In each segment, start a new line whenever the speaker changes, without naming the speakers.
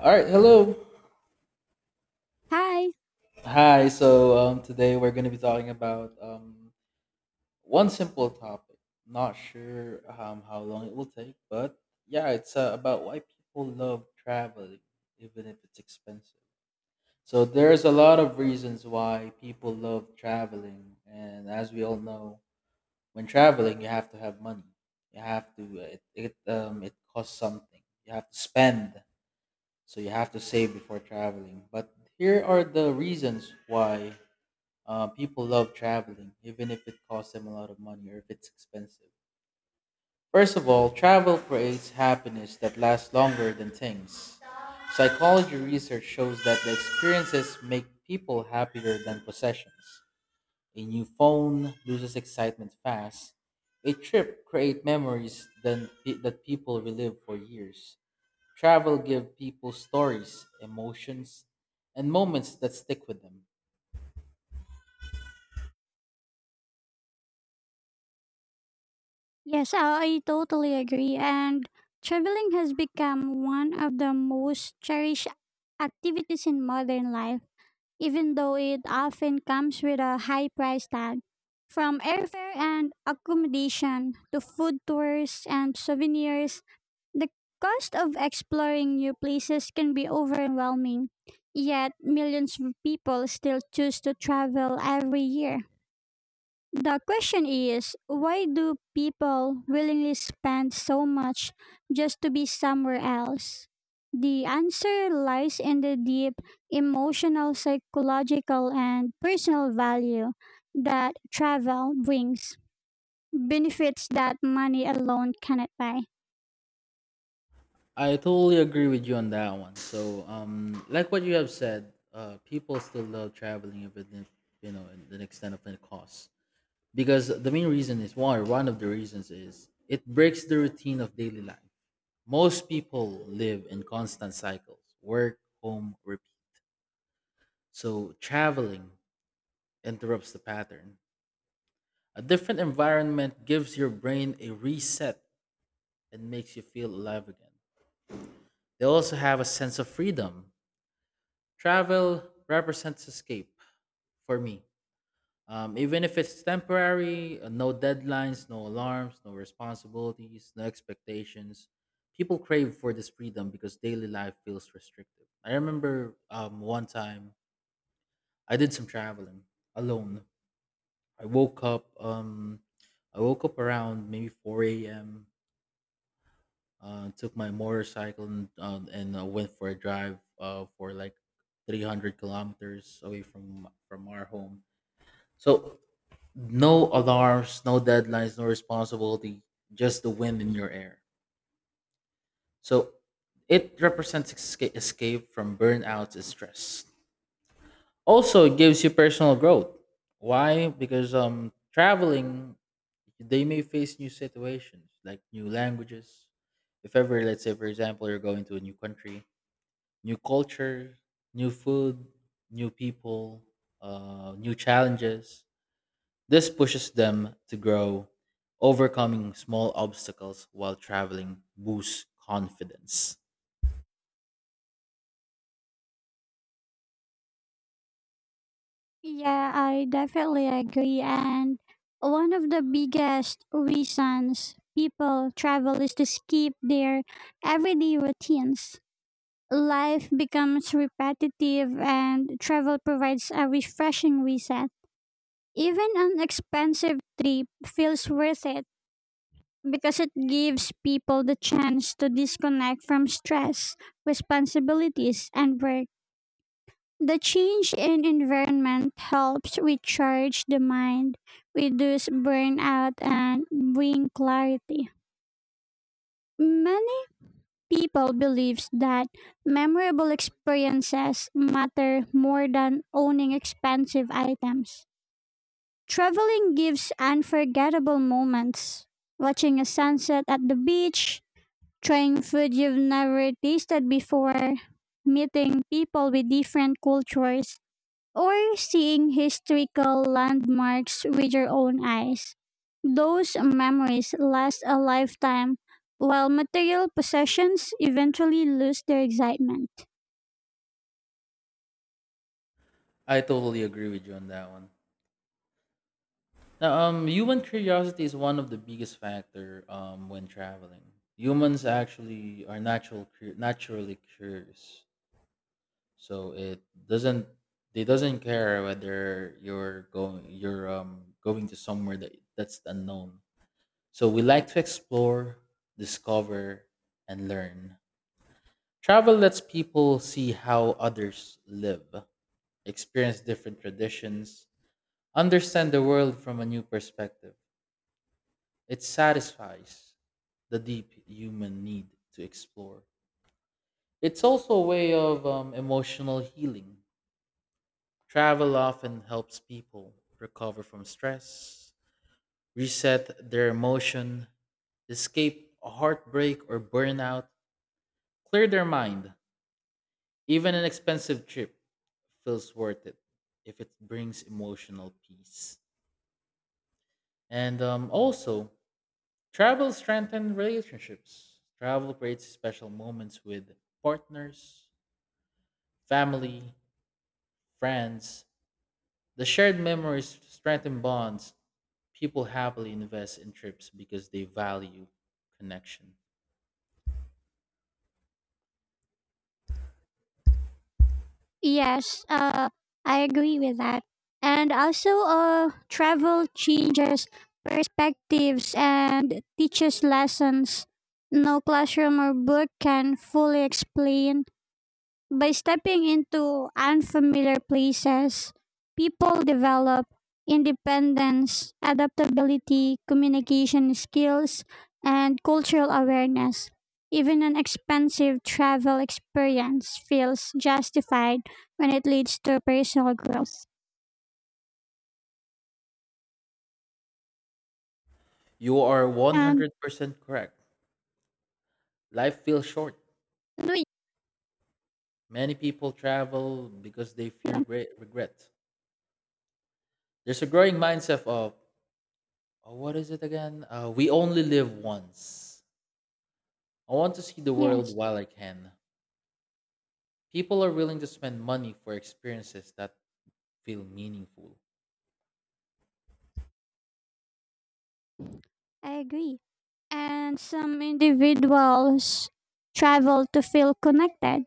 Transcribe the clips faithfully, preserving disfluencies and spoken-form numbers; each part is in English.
All right, hello.
Hi.
Hi. So um, today we're going to be talking about um, one simple topic. Not sure um, how long it will take, but yeah, it's uh, about why people love traveling, even if it's expensive. So there's a lot of reasons why people love traveling, and as we all know, when traveling, you have to have money. You have to it it um, it costs something. You have to spend, so you have to save before traveling. But here are the reasons why Uh, people love traveling, even if it costs them a lot of money or if it's expensive. First of all, travel creates happiness that lasts longer than things. Psychology research shows that the experiences make people happier than possessions. A new phone loses excitement fast. A trip creates memories than, that people relive for years. Travel gives people stories, emotions, and moments that stick with them.
Yes, I totally agree. And traveling has become one of the most cherished activities in modern life, even though it often comes with a high price tag. From airfare and accommodation to food tours and souvenirs, the cost of exploring new places can be overwhelming. Yet, millions of people still choose to travel every year. The question is, why do people willingly spend so much just to be somewhere else? The answer lies in the deep emotional, psychological, and personal value that travel brings, benefits that money alone cannot buy.
I totally agree with you on that one. So, um, like what you have said, uh, people still love traveling if it, didn't- you know, in the extent of the cost. Because the main reason is why. One of the reasons is it breaks the routine of daily life. Most people live in constant cycles, work, home, repeat. So traveling interrupts the pattern. A different environment gives your brain a reset and makes you feel alive again. They also have a sense of freedom. Travel represents escape for me. Um, even if it's temporary, uh, no deadlines, no alarms, no responsibilities, no expectations. People crave for this freedom because daily life feels restrictive. I remember um, one time I did some traveling alone. I woke up. Um, I woke up around maybe four a m. Uh, took my motorcycle and, uh, and uh, went for a drive uh, for like three hundred kilometers away from from our home. So no alarms, no deadlines, no responsibility, just the wind in your hair. So it represents esca- escape from burnout and stress. Also, it gives you personal growth. Why? Because um, traveling, they may face new situations like new languages. If ever, let's say, for example, you're going to a new country, new culture, new food, new people, uh, new challenges. This pushes them to grow, overcoming small obstacles while traveling boosts confidence.
Yeah, I definitely agree. And one of the biggest reasons people travel is to skip their everyday routines. Life becomes repetitive and travel provides a refreshing reset. Even an expensive trip feels worth it because it gives people the chance to disconnect from stress, responsibilities, and work. The change in environment helps recharge the mind, reduce burnout, and bring clarity. Many people believes that memorable experiences matter more than owning expensive items. Traveling gives unforgettable moments. Watching a sunset at the beach, trying food you've never tasted before, meeting people with different cultures, or seeing historical landmarks with your own eyes. Those memories last a lifetime, while material possessions eventually lose their excitement.
I totally agree with you on that one. Now, um, human curiosity is one of the biggest factor um, when traveling. Humans actually are natural, cur- naturally curious, so it doesn't they doesn't care whether you're going you're um going to somewhere that that's unknown. So we like to explore, discover, and learn. Travel lets people see how others live, experience different traditions, understand the world from a new perspective. It satisfies the deep human need to explore. It's also a way of um, emotional healing. Travel often helps people recover from stress, reset their emotion, escape heartbreak or burnout, clear their mind. Even an expensive trip feels worth it if it brings emotional peace. And um, also, travel strengthens relationships. Travel creates special moments with partners, family, friends. The shared memories strengthen bonds. People happily invest in trips because they value connection.
Yes, uh, I agree with that. And also, uh, travel changes perspectives and teaches lessons no classroom or book can fully explain. By stepping into unfamiliar places, people develop independence, adaptability, communication skills, and cultural awareness. Even an expensive travel experience feels justified when it leads to personal growth.
You are
And
one hundred percent correct. Life feels short.
do you-
Many people travel because they fear
yeah,
great regret. There's a growing mindset of uh, what is it again? Uh, we only live once. I want to see the world
yes.
while I can. People are willing to spend money for experiences that feel meaningful.
I agree. And some individuals travel to feel connected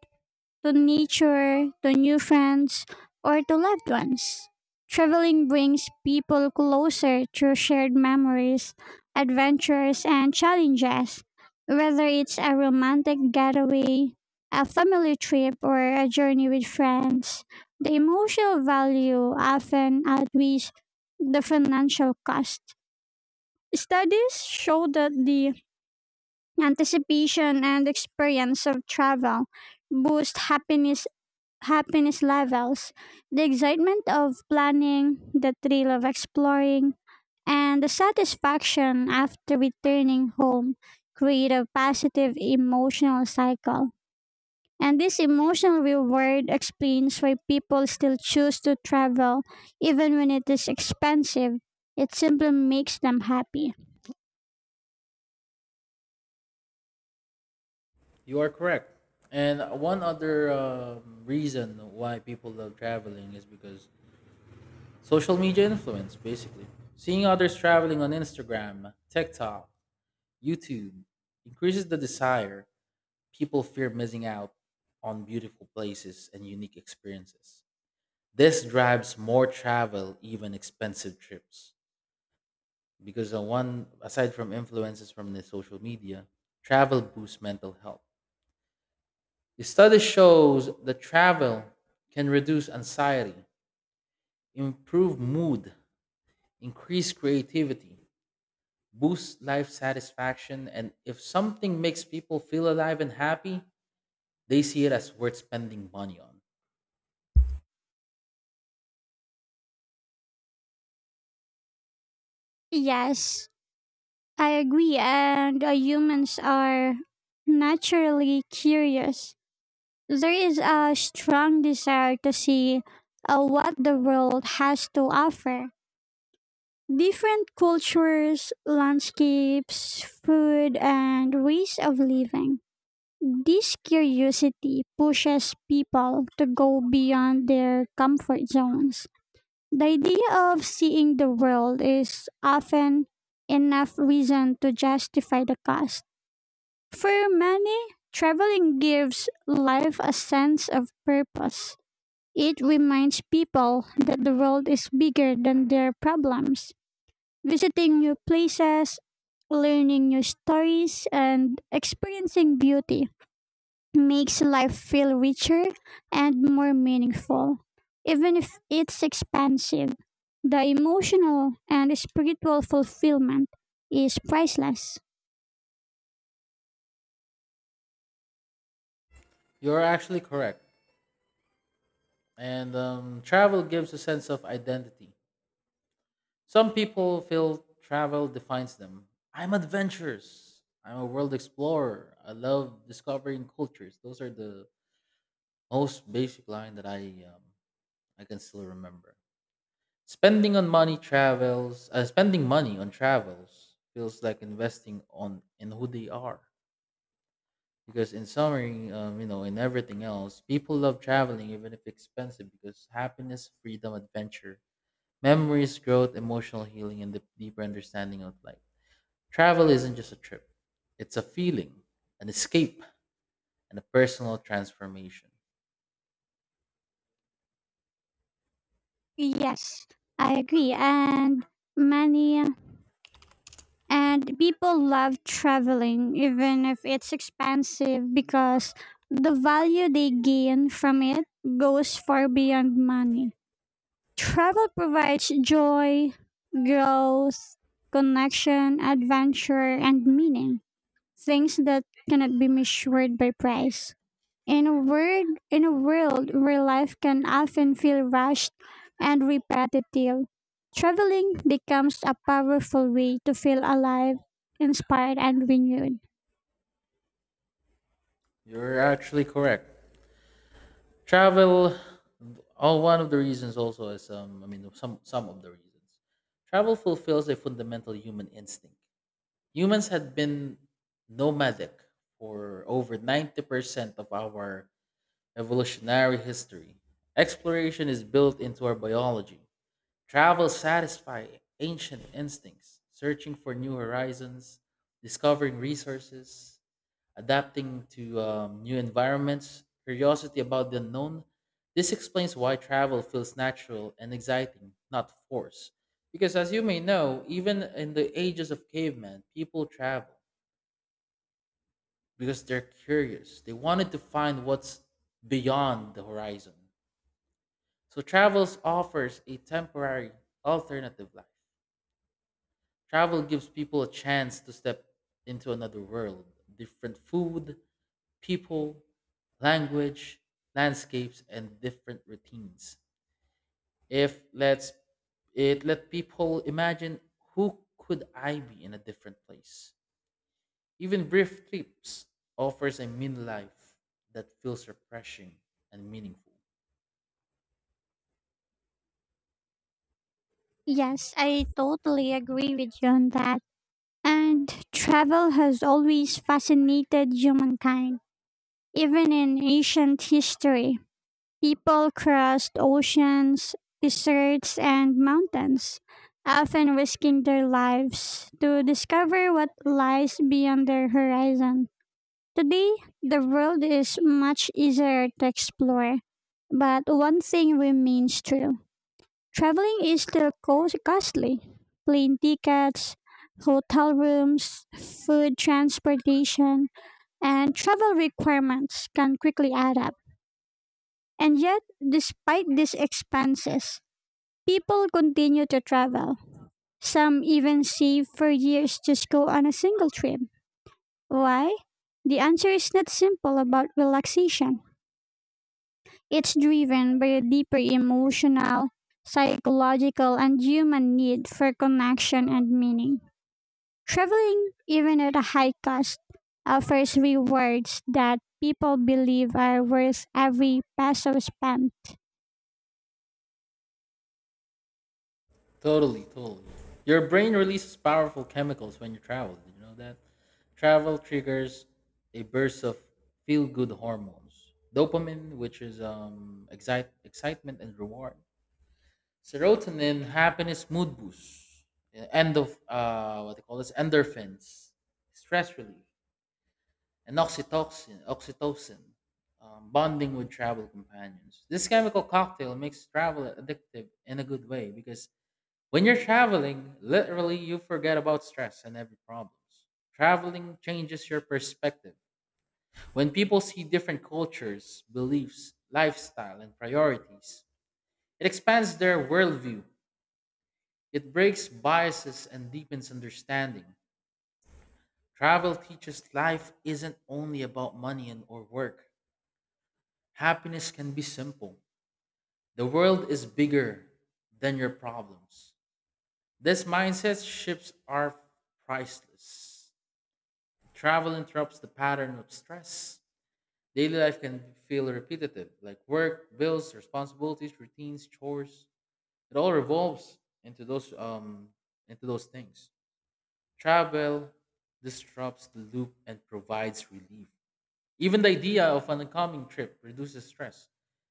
to nature, to new friends, or to loved ones. Traveling brings people closer through shared memories, adventures, and challenges. Whether it's a romantic getaway, a family trip, or a journey with friends, the emotional value often outweighs the financial cost. Studies show that the anticipation and experience of travel boost happiness happiness levels, the excitement of planning, the thrill of exploring, and the satisfaction after returning home create a positive emotional cycle. And this emotional reward explains why people still choose to travel even when it is expensive. It simply makes them happy.
You are correct. And one other um, reason why people love traveling is because social media influence, basically. Seeing others traveling on Instagram, TikTok, YouTube increases the desire. People fear missing out on beautiful places and unique experiences. This drives more travel, even expensive trips. Because the one aside from influences from the social media, travel boosts mental health. The study shows that travel can reduce anxiety, improve mood, increase creativity, boost life satisfaction, and if something makes people feel alive and happy, they see it as worth spending money on.
Yes, I agree. And uh, humans are naturally curious. There is a strong desire to see uh, what the world has to offer. Different cultures, landscapes, food, and ways of living. This curiosity pushes people to go beyond their comfort zones. The idea of seeing the world is often enough reason to justify the cost. For many, traveling gives life a sense of purpose. It reminds people that the world is bigger than their problems. Visiting new places, learning new stories, and experiencing beauty makes life feel richer and more meaningful. Even if it's expensive, the emotional and spiritual fulfillment is priceless.
You're actually correct. And um, travel gives a sense of identity. Some people feel travel defines them. I'm adventurous. I'm a world explorer. I love discovering cultures. Those are the most basic line that I um, I can still remember. Spending on money travels. Uh, spending money on travels feels like investing on in who they are. Because in summary, um, you know, in everything else, people love traveling even if expensive because happiness, freedom, adventure, memories, growth, emotional healing, and the deeper understanding of life. Travel isn't just a trip, it's a feeling, an escape, and a personal transformation.
Yes, I agree. And many and people love traveling, even if it's expensive, because the value they gain from it goes far beyond money. Travel provides joy, growth, connection, adventure, and meaning, things that cannot be measured by price. In a word, in a world where life can often feel rushed and repetitive, traveling becomes a powerful way to feel alive, inspired, and renewed.
You're actually correct. Travel, oh, One of the reasons also is, um, I mean, some, some of the reasons. Travel fulfills a fundamental human instinct. Humans had been nomadic for over ninety percent of our evolutionary history. Exploration is built into our biology. Travel satisfies ancient instincts, searching for new horizons, discovering resources, adapting to um, new environments, curiosity about the unknown. This explains why travel feels natural and exciting, not forced. Because as you may know, even in the ages of cavemen, people travel because they're curious. They wanted to find what's beyond the horizon. So travels offers a temporary alternative life. Travel gives people a chance to step into another world, different food, people, language, landscapes, and different routines. If let's it let people imagine who could I be in a different place. Even brief trips offers a mini life that feels refreshing and meaningful.
Yes, I totally agree with you on that. And travel has always fascinated humankind, even in ancient history. People crossed oceans, deserts, and mountains, often risking their lives to discover what lies beyond their horizon. Today, the world is much easier to explore, but one thing remains true: traveling is still co- costly. Plane tickets, hotel rooms, food transportation, and travel requirements can quickly add up. And yet, despite these expenses, people continue to travel. Some even save for years just go on a single trip. Why? The answer is not simple about relaxation. It's driven by a deeper emotional, psychological, and human need for connection and meaning. Traveling, even at a high cost, offers rewards that people believe are worth every peso spent.
Totally, totally. Your brain releases powerful chemicals when you travel. Did you know that? Travel triggers a burst of feel good hormones. Dopamine, which is um, excite- excitement and reward. Serotonin, happiness, mood boost. Uh, End of, uh, what they call this? Endorphins, stress relief. And oxytocin, oxytocin um, bonding with travel companions. This chemical cocktail makes travel addictive in a good way because when you're traveling, literally you forget about stress and every problems. Traveling changes your perspective. When people see different cultures, beliefs, lifestyle, and priorities, it expands their worldview. It breaks biases and deepens understanding. Travel teaches life isn't only about money and or work. Happiness can be simple. The world is bigger than your problems. This mindset shifts are priceless. Travel interrupts the pattern of stress. Daily life can feel repetitive, like work, bills, responsibilities, routines, chores. It all revolves into those um into those things. Travel disrupts the loop and provides relief. Even the idea of an upcoming trip reduces stress.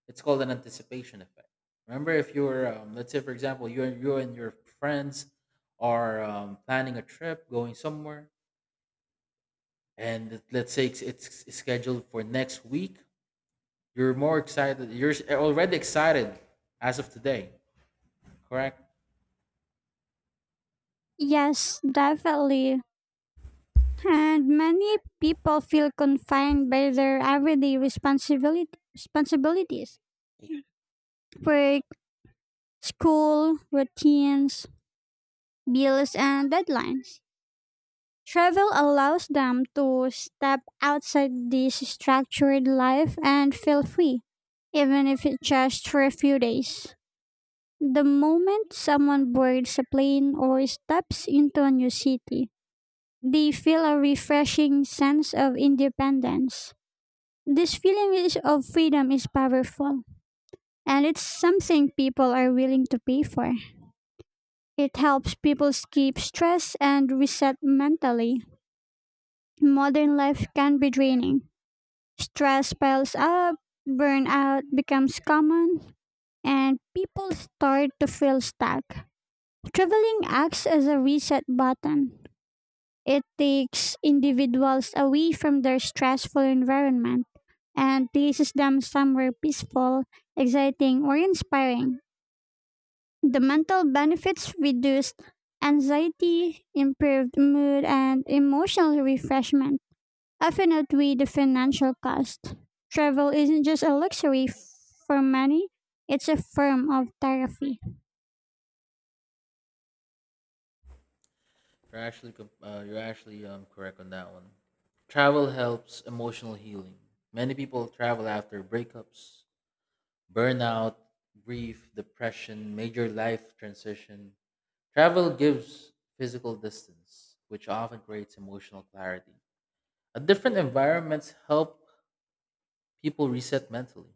It's called an anticipation effect. Remember, if you're, um, let's say, for example, you and you and your friends are um, planning a trip, going somewhere, and it- let's say it's, it's scheduled for next week, you're more excited. You're s- already excited as of today, correct?
Yes, definitely. And many people feel confined by their everyday responsibility, responsibilities, work, school, routines, bills, and deadlines. Travel allows them to step outside this structured life and feel free, even if it's just for a few days. The moment someone boards a plane or steps into a new city, they feel a refreshing sense of independence. This feeling is, of freedom, is powerful, and it's something people are willing to pay for. It helps people escape stress and reset mentally. Modern life can be draining. Stress piles up, burnout becomes common, and people start to feel stuck. Traveling acts as a reset button. It takes individuals away from their stressful environment and places them somewhere peaceful, exciting, or inspiring. The mental benefits, reduced anxiety, improved mood, and emotional refreshment, often outweigh the financial cost. Travel isn't just a luxury, f- for many, it's a form of therapy.
You're actually com- uh, you're actually um, correct on that one. Travel helps emotional healing. Many people travel after breakups, burnout, grief, depression, major life transition. Travel gives physical distance, which often creates emotional clarity. A different environments help people reset mentally.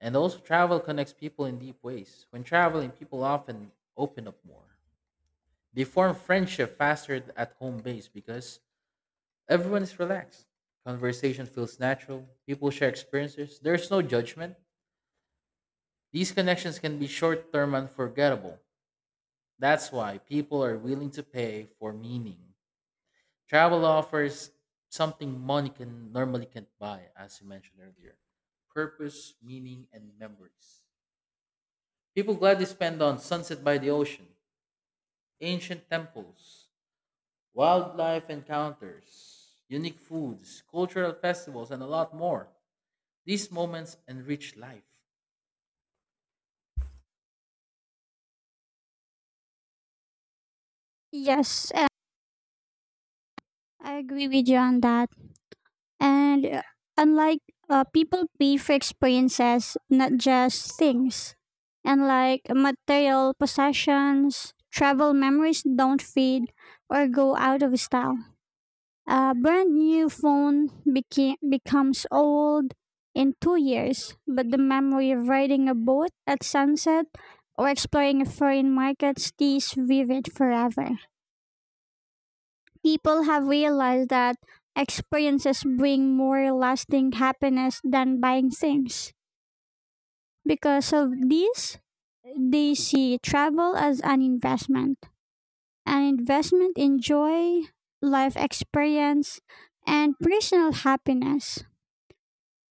And also, travel connects people in deep ways. When traveling, people often open up more. They form friendship faster at home base because everyone is relaxed. Conversation feels natural. People share experiences. There's no judgment. These connections can be short term and forgettable. That's why people are willing to pay for meaning. Travel offers something money can normally can't buy, as you mentioned earlier, purpose, meaning, and memories. People gladly spend on sunset by the ocean, ancient temples, wildlife encounters, unique foods, cultural festivals, and a lot more. These moments enrich life.
Yes, uh, I agree with you on that. And uh, unlike uh, people pay for experiences, not just things. And like material possessions, travel memories don't fade or go out of style. A brand new phone beca- becomes old in two years, but the memory of riding a boat at sunset or exploring a foreign market stays vivid forever. People have realized that experiences bring more lasting happiness than buying things. Because of this, they see travel as an investment, an investment in joy, life experience, and personal happiness.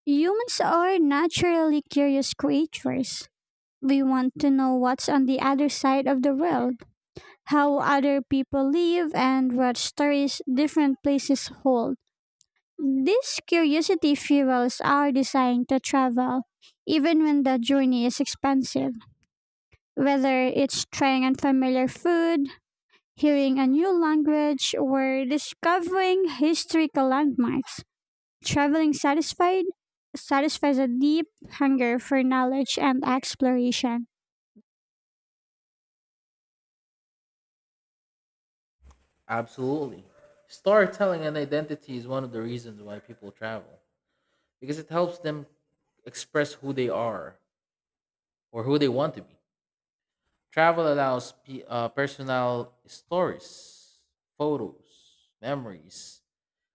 Humans are naturally curious creatures. We want to know what's on the other side of the world, how other people live, and what stories different places hold. These curiosity fuels our desire to travel, even when the journey is expensive. Whether it's trying unfamiliar food, hearing a new language, or discovering historical landmarks, traveling satisfied satisfies a deep hunger for knowledge and exploration.
Absolutely. Storytelling and identity is one of the reasons why people travel because it helps them express who they are or who they want to be. Travel allows pe- uh, personal stories, photos, memories,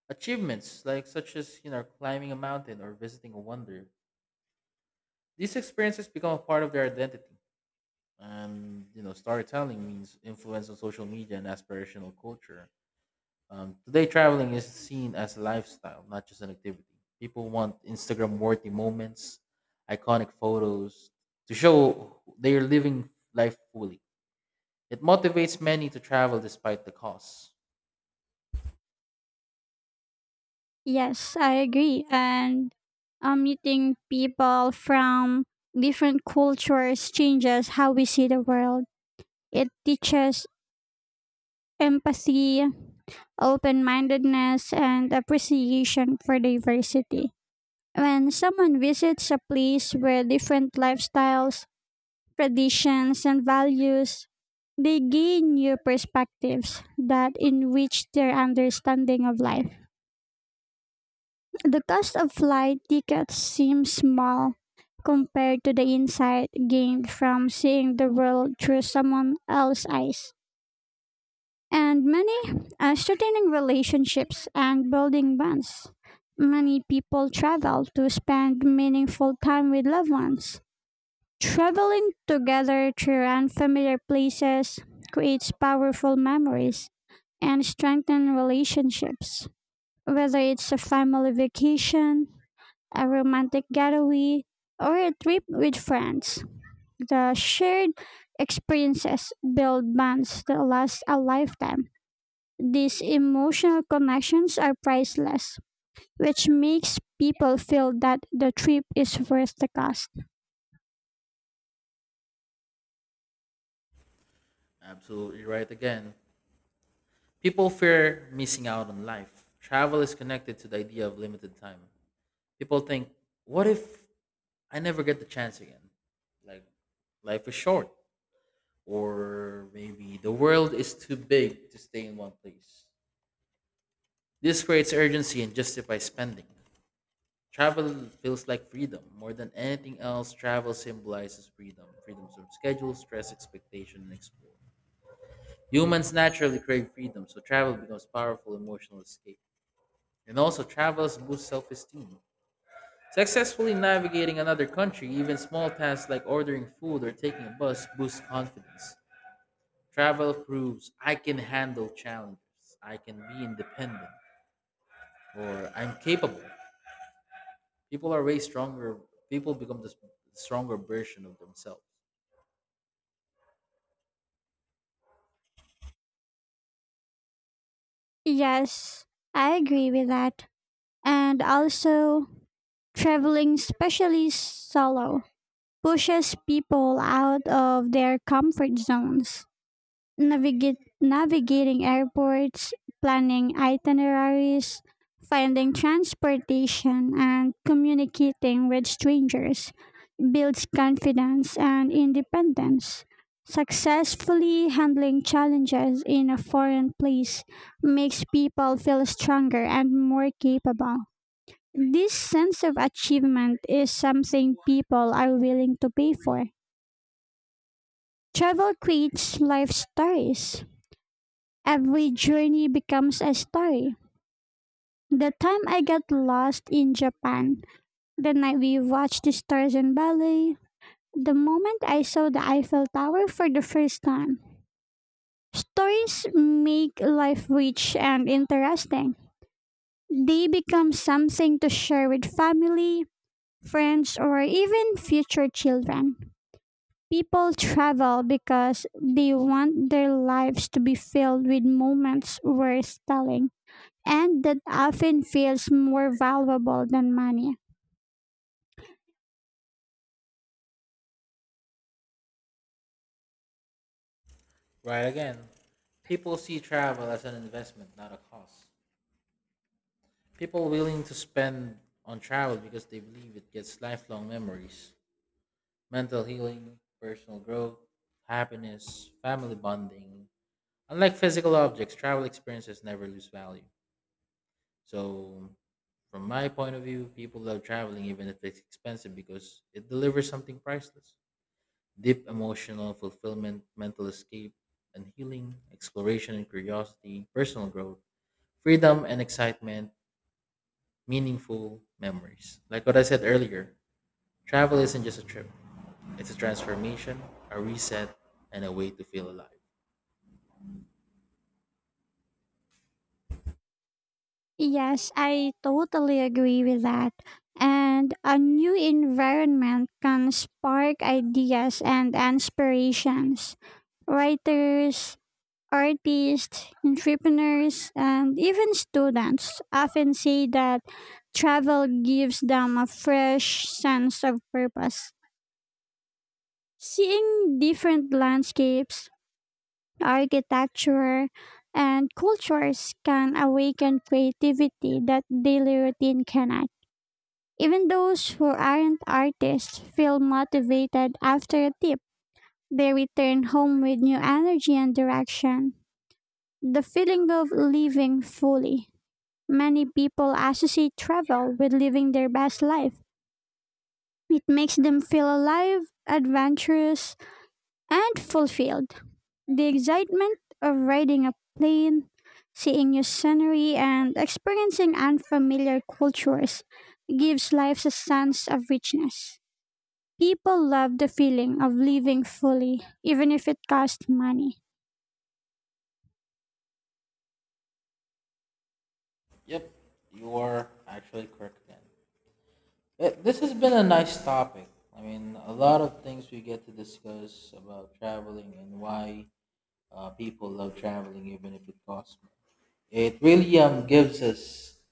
achievements, like such as you know climbing a mountain or visiting a wonder, these experiences become a part of their identity. And you know, storytelling means influence on social media and aspirational culture. Um, today, traveling is seen as a lifestyle, not just an activity. People want Instagram-worthy moments, iconic photos to show they are living life fully. It motivates many to travel despite the cost.
Yes, I agree. And um, meeting people from different cultures changes how we see the world. It teaches empathy, open mindedness, and appreciation for diversity. When someone visits a place where different lifestyles, traditions, and values, they gain new perspectives that enrich their understanding of life. The cost of flight tickets seems small compared to the insight gained from seeing the world through someone else's eyes. And many uh, Sustaining relationships and building bonds. Many people travel to spend meaningful time with loved ones. Traveling together through unfamiliar places creates powerful memories and strengthens relationships. Whether it's a family vacation, a romantic getaway, or a trip with friends, the shared experiences build bonds that last a lifetime. These emotional connections are priceless, which makes people feel that the trip is worth the cost.
Absolutely right again. People fear missing out on life. Travel is connected to the idea of limited time. People think, what if I never get the chance again? Like, life is short. Or maybe the world is too big to stay in one place. This creates urgency and justifies spending. Travel feels like freedom. More than anything else, travel symbolizes freedom, freedom from schedule, stress, expectation, and explore. Humans naturally crave freedom, so travel becomes powerful emotional escape. And also travelers boost self-esteem. Successfully navigating another country, even small tasks like ordering food or taking a bus, boost confidence. Travel proves I can handle challenges, I can be independent, or I'm capable. People are way stronger. People become the s- stronger version of themselves.
Yes, I agree with that. And also, traveling, especially solo, pushes people out of their comfort zones. Navigate, navigating airports, planning itineraries, finding transportation, and communicating with strangers builds confidence and independence. Successfully handling challenges in a foreign place makes people feel stronger and more capable. This sense of achievement is something people are willing to pay for. Travel creates life stories. Every journey becomes a story. The time I got lost in Japan, the night we watched the stars in ballet, the moment I saw the Eiffel Tower for the first time, stories make life rich and interesting. They become something to share with family, friends, or even future children. People travel because they want their lives to be filled with moments worth telling, and that often feels more valuable than money.
Right again, people see travel as an investment, not a cost. People willing to spend on travel because they believe it gets lifelong memories, mental healing, personal growth, happiness, family bonding. Unlike physical objects, travel experiences never lose value. So, from my point of view, people love traveling even if it's expensive because it delivers something priceless, deep emotional fulfillment, mental escape and healing, exploration and curiosity, personal growth, freedom and excitement, meaningful memories. Like what I said earlier, travel isn't just a trip, it's a transformation, a reset, and a way to feel alive.
Yes, I totally agree with that. And a new environment can spark ideas and inspirations. Writers, artists, entrepreneurs, and even students often say that travel gives them a fresh sense of purpose. Seeing different landscapes, architecture, and cultures can awaken creativity that daily routine cannot. Even those who aren't artists feel motivated after a trip. They return home with new energy and direction. The feeling of living fully. Many people associate travel with living their best life. It makes them feel alive, adventurous, and fulfilled. The excitement of riding a plane, seeing new scenery, and experiencing unfamiliar cultures gives life a sense of richness. People love the feeling of living fully, even if it costs money.
Yep, you are actually correct again. Th- This has been a nice topic. I mean, a lot of things we get to discuss about traveling and why uh, people love traveling, even if it costs money. It really um, gives us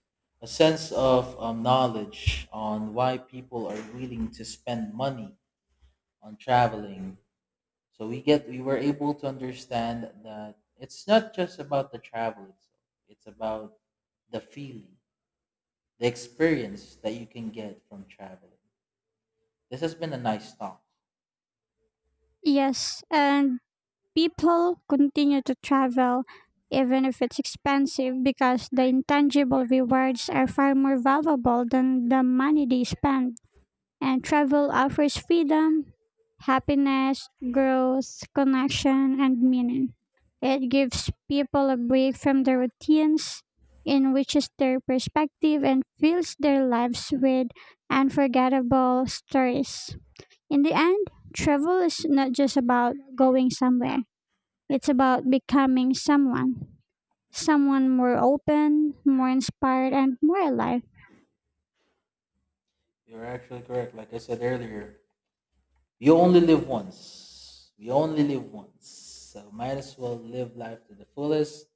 a sense of um, knowledge on why people are willing to spend money on traveling. So we get we were able to understand that it's not just about the travel itself. It's about the feeling, the experience that you can get from traveling. This has been a nice talk.
Yes, and people continue to travel even if it's expensive because the intangible rewards are far more valuable than the money they spend. And travel offers freedom, happiness, growth, connection, and meaning. It gives people a break from their routines, enriches their perspective, and fills their lives with unforgettable stories. In the end, travel is not just about going somewhere. It's about becoming someone. Someone more open, more inspired, and more alive.
You're actually correct. Like I said earlier, we only live once. We only live once. So might as well live life to the fullest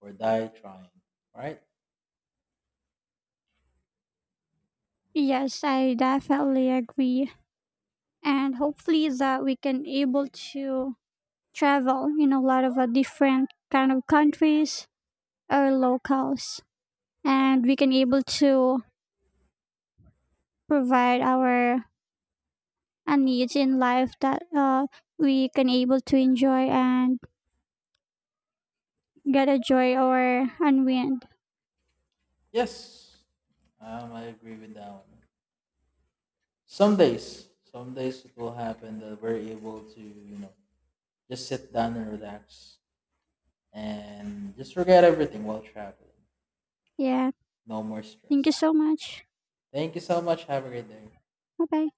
or die trying. Right?
Yes, I definitely agree. And hopefully that we can able to travel in a lot of uh, different kind of countries or locals. And we can able to provide our uh, needs in life that uh, we can able to enjoy and get a joy or unwind.
Yes. Um, I agree with that one. Some days, some days it will happen that we're able to, you know, just sit down and relax and just forget everything while traveling.
Yeah.
No more
Thank you
stress.
so much.
Thank you so much. Have a great day.
Bye bye.